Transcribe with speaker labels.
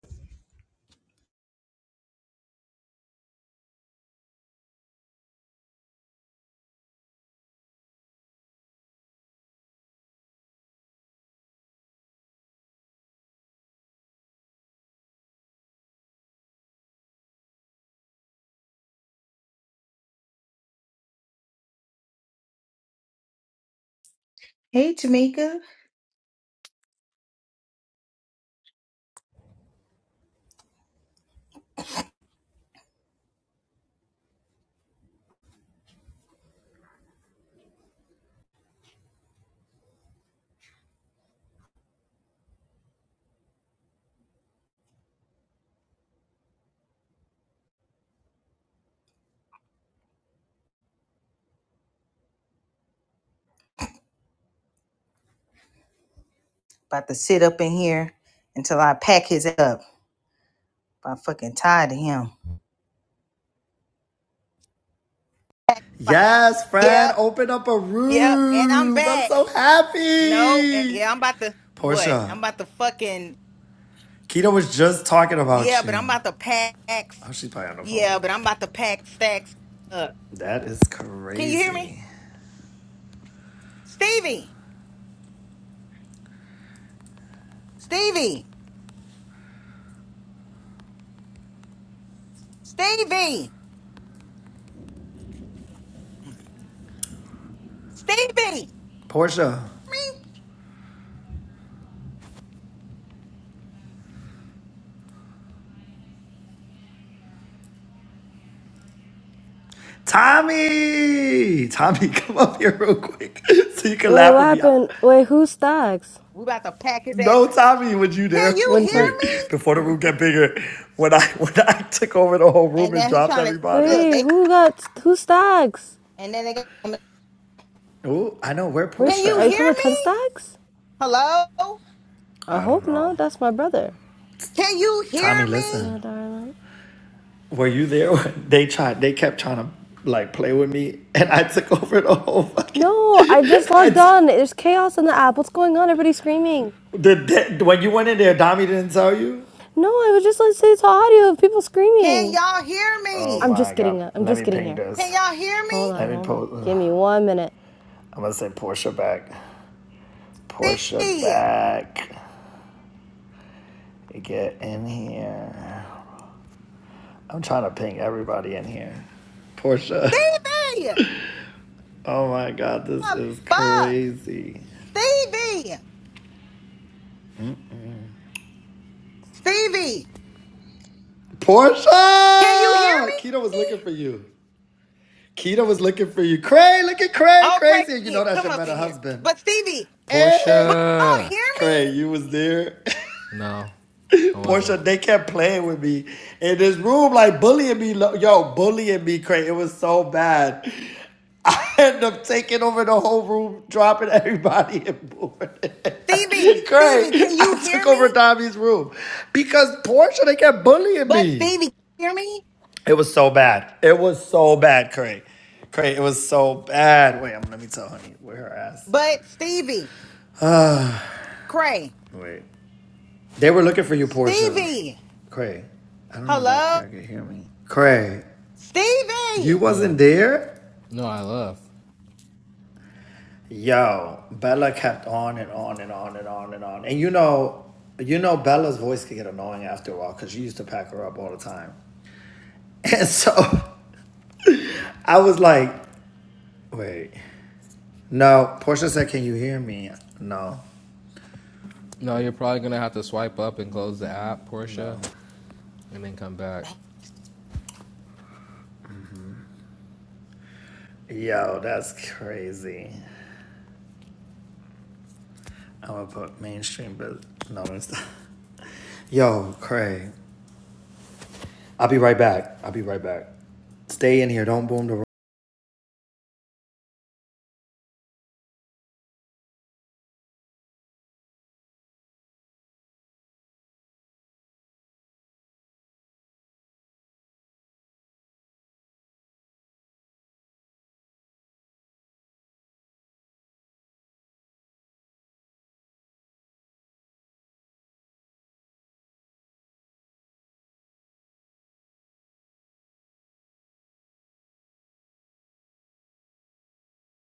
Speaker 1: Hey, Tamika. About to sit up in here until I pack his up. I'm fucking tired of him. Right.
Speaker 2: Yes, Fran,
Speaker 1: Yep,
Speaker 2: open up a
Speaker 1: yep. And I'm
Speaker 2: roof. I'm
Speaker 1: back.
Speaker 2: so
Speaker 1: Nope. And
Speaker 2: happy.
Speaker 1: yeah, I'm about to what? I'm
Speaker 2: Portia,
Speaker 1: about to fucking
Speaker 2: Keto was just talking
Speaker 1: yeah,
Speaker 2: about
Speaker 1: but
Speaker 2: you.
Speaker 1: I'm about to pack.
Speaker 2: Oh, she's probably on the
Speaker 1: Yeah,
Speaker 2: phone.
Speaker 1: but I'm about to pack stacks up.
Speaker 2: That is
Speaker 1: Can you hear me,
Speaker 2: crazy.
Speaker 1: Stevie? Stevie, Stevie, Stevie.
Speaker 2: Portia, Tommy, Tommy, come up here real quick so you can
Speaker 3: Wait,
Speaker 2: laugh
Speaker 3: what
Speaker 2: with me.
Speaker 3: happened? Wait, who stacks?
Speaker 1: We about to pack his ass.
Speaker 2: No,
Speaker 1: up.
Speaker 2: Tommy, would you
Speaker 1: Can
Speaker 2: dare?
Speaker 1: you
Speaker 3: When
Speaker 1: hear
Speaker 3: ten?
Speaker 2: Wait,
Speaker 1: me?
Speaker 2: before the room get bigger, when I when I took over the whole room
Speaker 1: And
Speaker 2: and
Speaker 1: now he's
Speaker 2: dropped
Speaker 1: trying to
Speaker 2: everybody.
Speaker 1: look.
Speaker 3: Wait,
Speaker 1: They
Speaker 3: who got who stacks?
Speaker 1: and then they. Go,
Speaker 2: Oh, I know where
Speaker 3: Where's
Speaker 1: Can
Speaker 3: st-
Speaker 1: you
Speaker 3: are
Speaker 1: hear
Speaker 3: you
Speaker 2: Portia
Speaker 3: talking about
Speaker 2: at.
Speaker 3: ten
Speaker 1: me?
Speaker 3: stacks?
Speaker 1: Hello?
Speaker 3: I
Speaker 2: I don't
Speaker 3: hope
Speaker 2: know.
Speaker 3: not. That's my brother.
Speaker 1: Can you hear
Speaker 2: Tommy,
Speaker 1: me?
Speaker 2: listen.
Speaker 3: Yeah, darling.
Speaker 2: Were you there when they tried? They kept trying to like play with me, and I took over the whole fucking.
Speaker 3: No, I just
Speaker 2: I
Speaker 3: logged
Speaker 2: t-
Speaker 3: on. There's chaos in the app. What's going on? Everybody screaming.
Speaker 2: the de- when you went in there, Dami didn't tell you.
Speaker 3: No, I was just listening to audio of people
Speaker 1: Can
Speaker 3: screaming.
Speaker 1: y'all hear
Speaker 2: Oh
Speaker 1: me?
Speaker 3: I'm
Speaker 2: my
Speaker 3: just
Speaker 2: god!
Speaker 3: getting. I'm
Speaker 2: Let
Speaker 3: just
Speaker 2: me
Speaker 3: getting
Speaker 2: ping
Speaker 3: here.
Speaker 1: Can
Speaker 2: this.
Speaker 1: y'all hear
Speaker 3: Hold on,
Speaker 2: Let
Speaker 1: me?
Speaker 2: me
Speaker 3: hold on.
Speaker 2: post. Ugh.
Speaker 3: Give me one minute.
Speaker 2: I'm gonna say Portia back. Portia
Speaker 1: Stevie!
Speaker 2: back. Get in here. I'm trying to ping everybody in here. Portia.
Speaker 1: Stevie!
Speaker 2: Oh my god, this
Speaker 1: Oh,
Speaker 2: is
Speaker 1: fuck!
Speaker 2: crazy.
Speaker 1: Stevie! Stevie!
Speaker 2: Portia!
Speaker 1: Can you hear
Speaker 2: Keto was
Speaker 1: me?
Speaker 2: looking for you. Keto was looking for you. Cray, look at Cray,
Speaker 1: Oh, Craig,
Speaker 2: crazy. You
Speaker 1: here,
Speaker 2: know that's
Speaker 1: come
Speaker 2: your
Speaker 1: up in
Speaker 2: better
Speaker 1: here.
Speaker 2: husband.
Speaker 1: But Stevie,
Speaker 2: Hey,
Speaker 1: but y'all
Speaker 4: Portia.
Speaker 1: hear
Speaker 2: Cray,
Speaker 1: me?
Speaker 2: you was there.
Speaker 4: No, I
Speaker 2: Portia,
Speaker 4: wasn't.
Speaker 2: they kept playing with me in this room, like bullying me. Yo, bullying me, Cray. It was so bad. I ended up taking over the whole room, dropping everybody and moving. it.
Speaker 1: Stevie, Stevie,
Speaker 2: Cray,
Speaker 1: can you
Speaker 2: I
Speaker 1: hear
Speaker 2: took over
Speaker 1: me?
Speaker 2: Tommy's room because Portia, they kept bullying
Speaker 1: But
Speaker 2: me.
Speaker 1: Stevie, hear me?
Speaker 2: It was so bad. It was so bad, Cray. Cray, it was so bad. Wait, I'm um, let me tell honey where her ass.
Speaker 1: But Stevie, Craig,
Speaker 2: Wait. They were looking for you, Portia.
Speaker 1: Stevie,
Speaker 2: Cray. I don't know if I,
Speaker 1: hello?
Speaker 2: y'all can hear me. Cray, you
Speaker 1: Stevie!
Speaker 4: Yeah.
Speaker 2: wasn't there?
Speaker 4: No, I left.
Speaker 2: Yo, Bella kept on and on and on and on and on. And you know, you know Bella's voice could get annoying after a while because you used to pack her up all the time. And so I was like, wait. No, Portia said, can you hear me? No.
Speaker 4: No, you're probably gonna have to swipe up and close the app,
Speaker 2: No.
Speaker 4: Portia, and then come back.
Speaker 2: Yo, that's crazy. I'm gonna put mainstream, but no, it's not. Yo, Craig. I'll be right back. I'll be right back. Stay in here. Don't boom the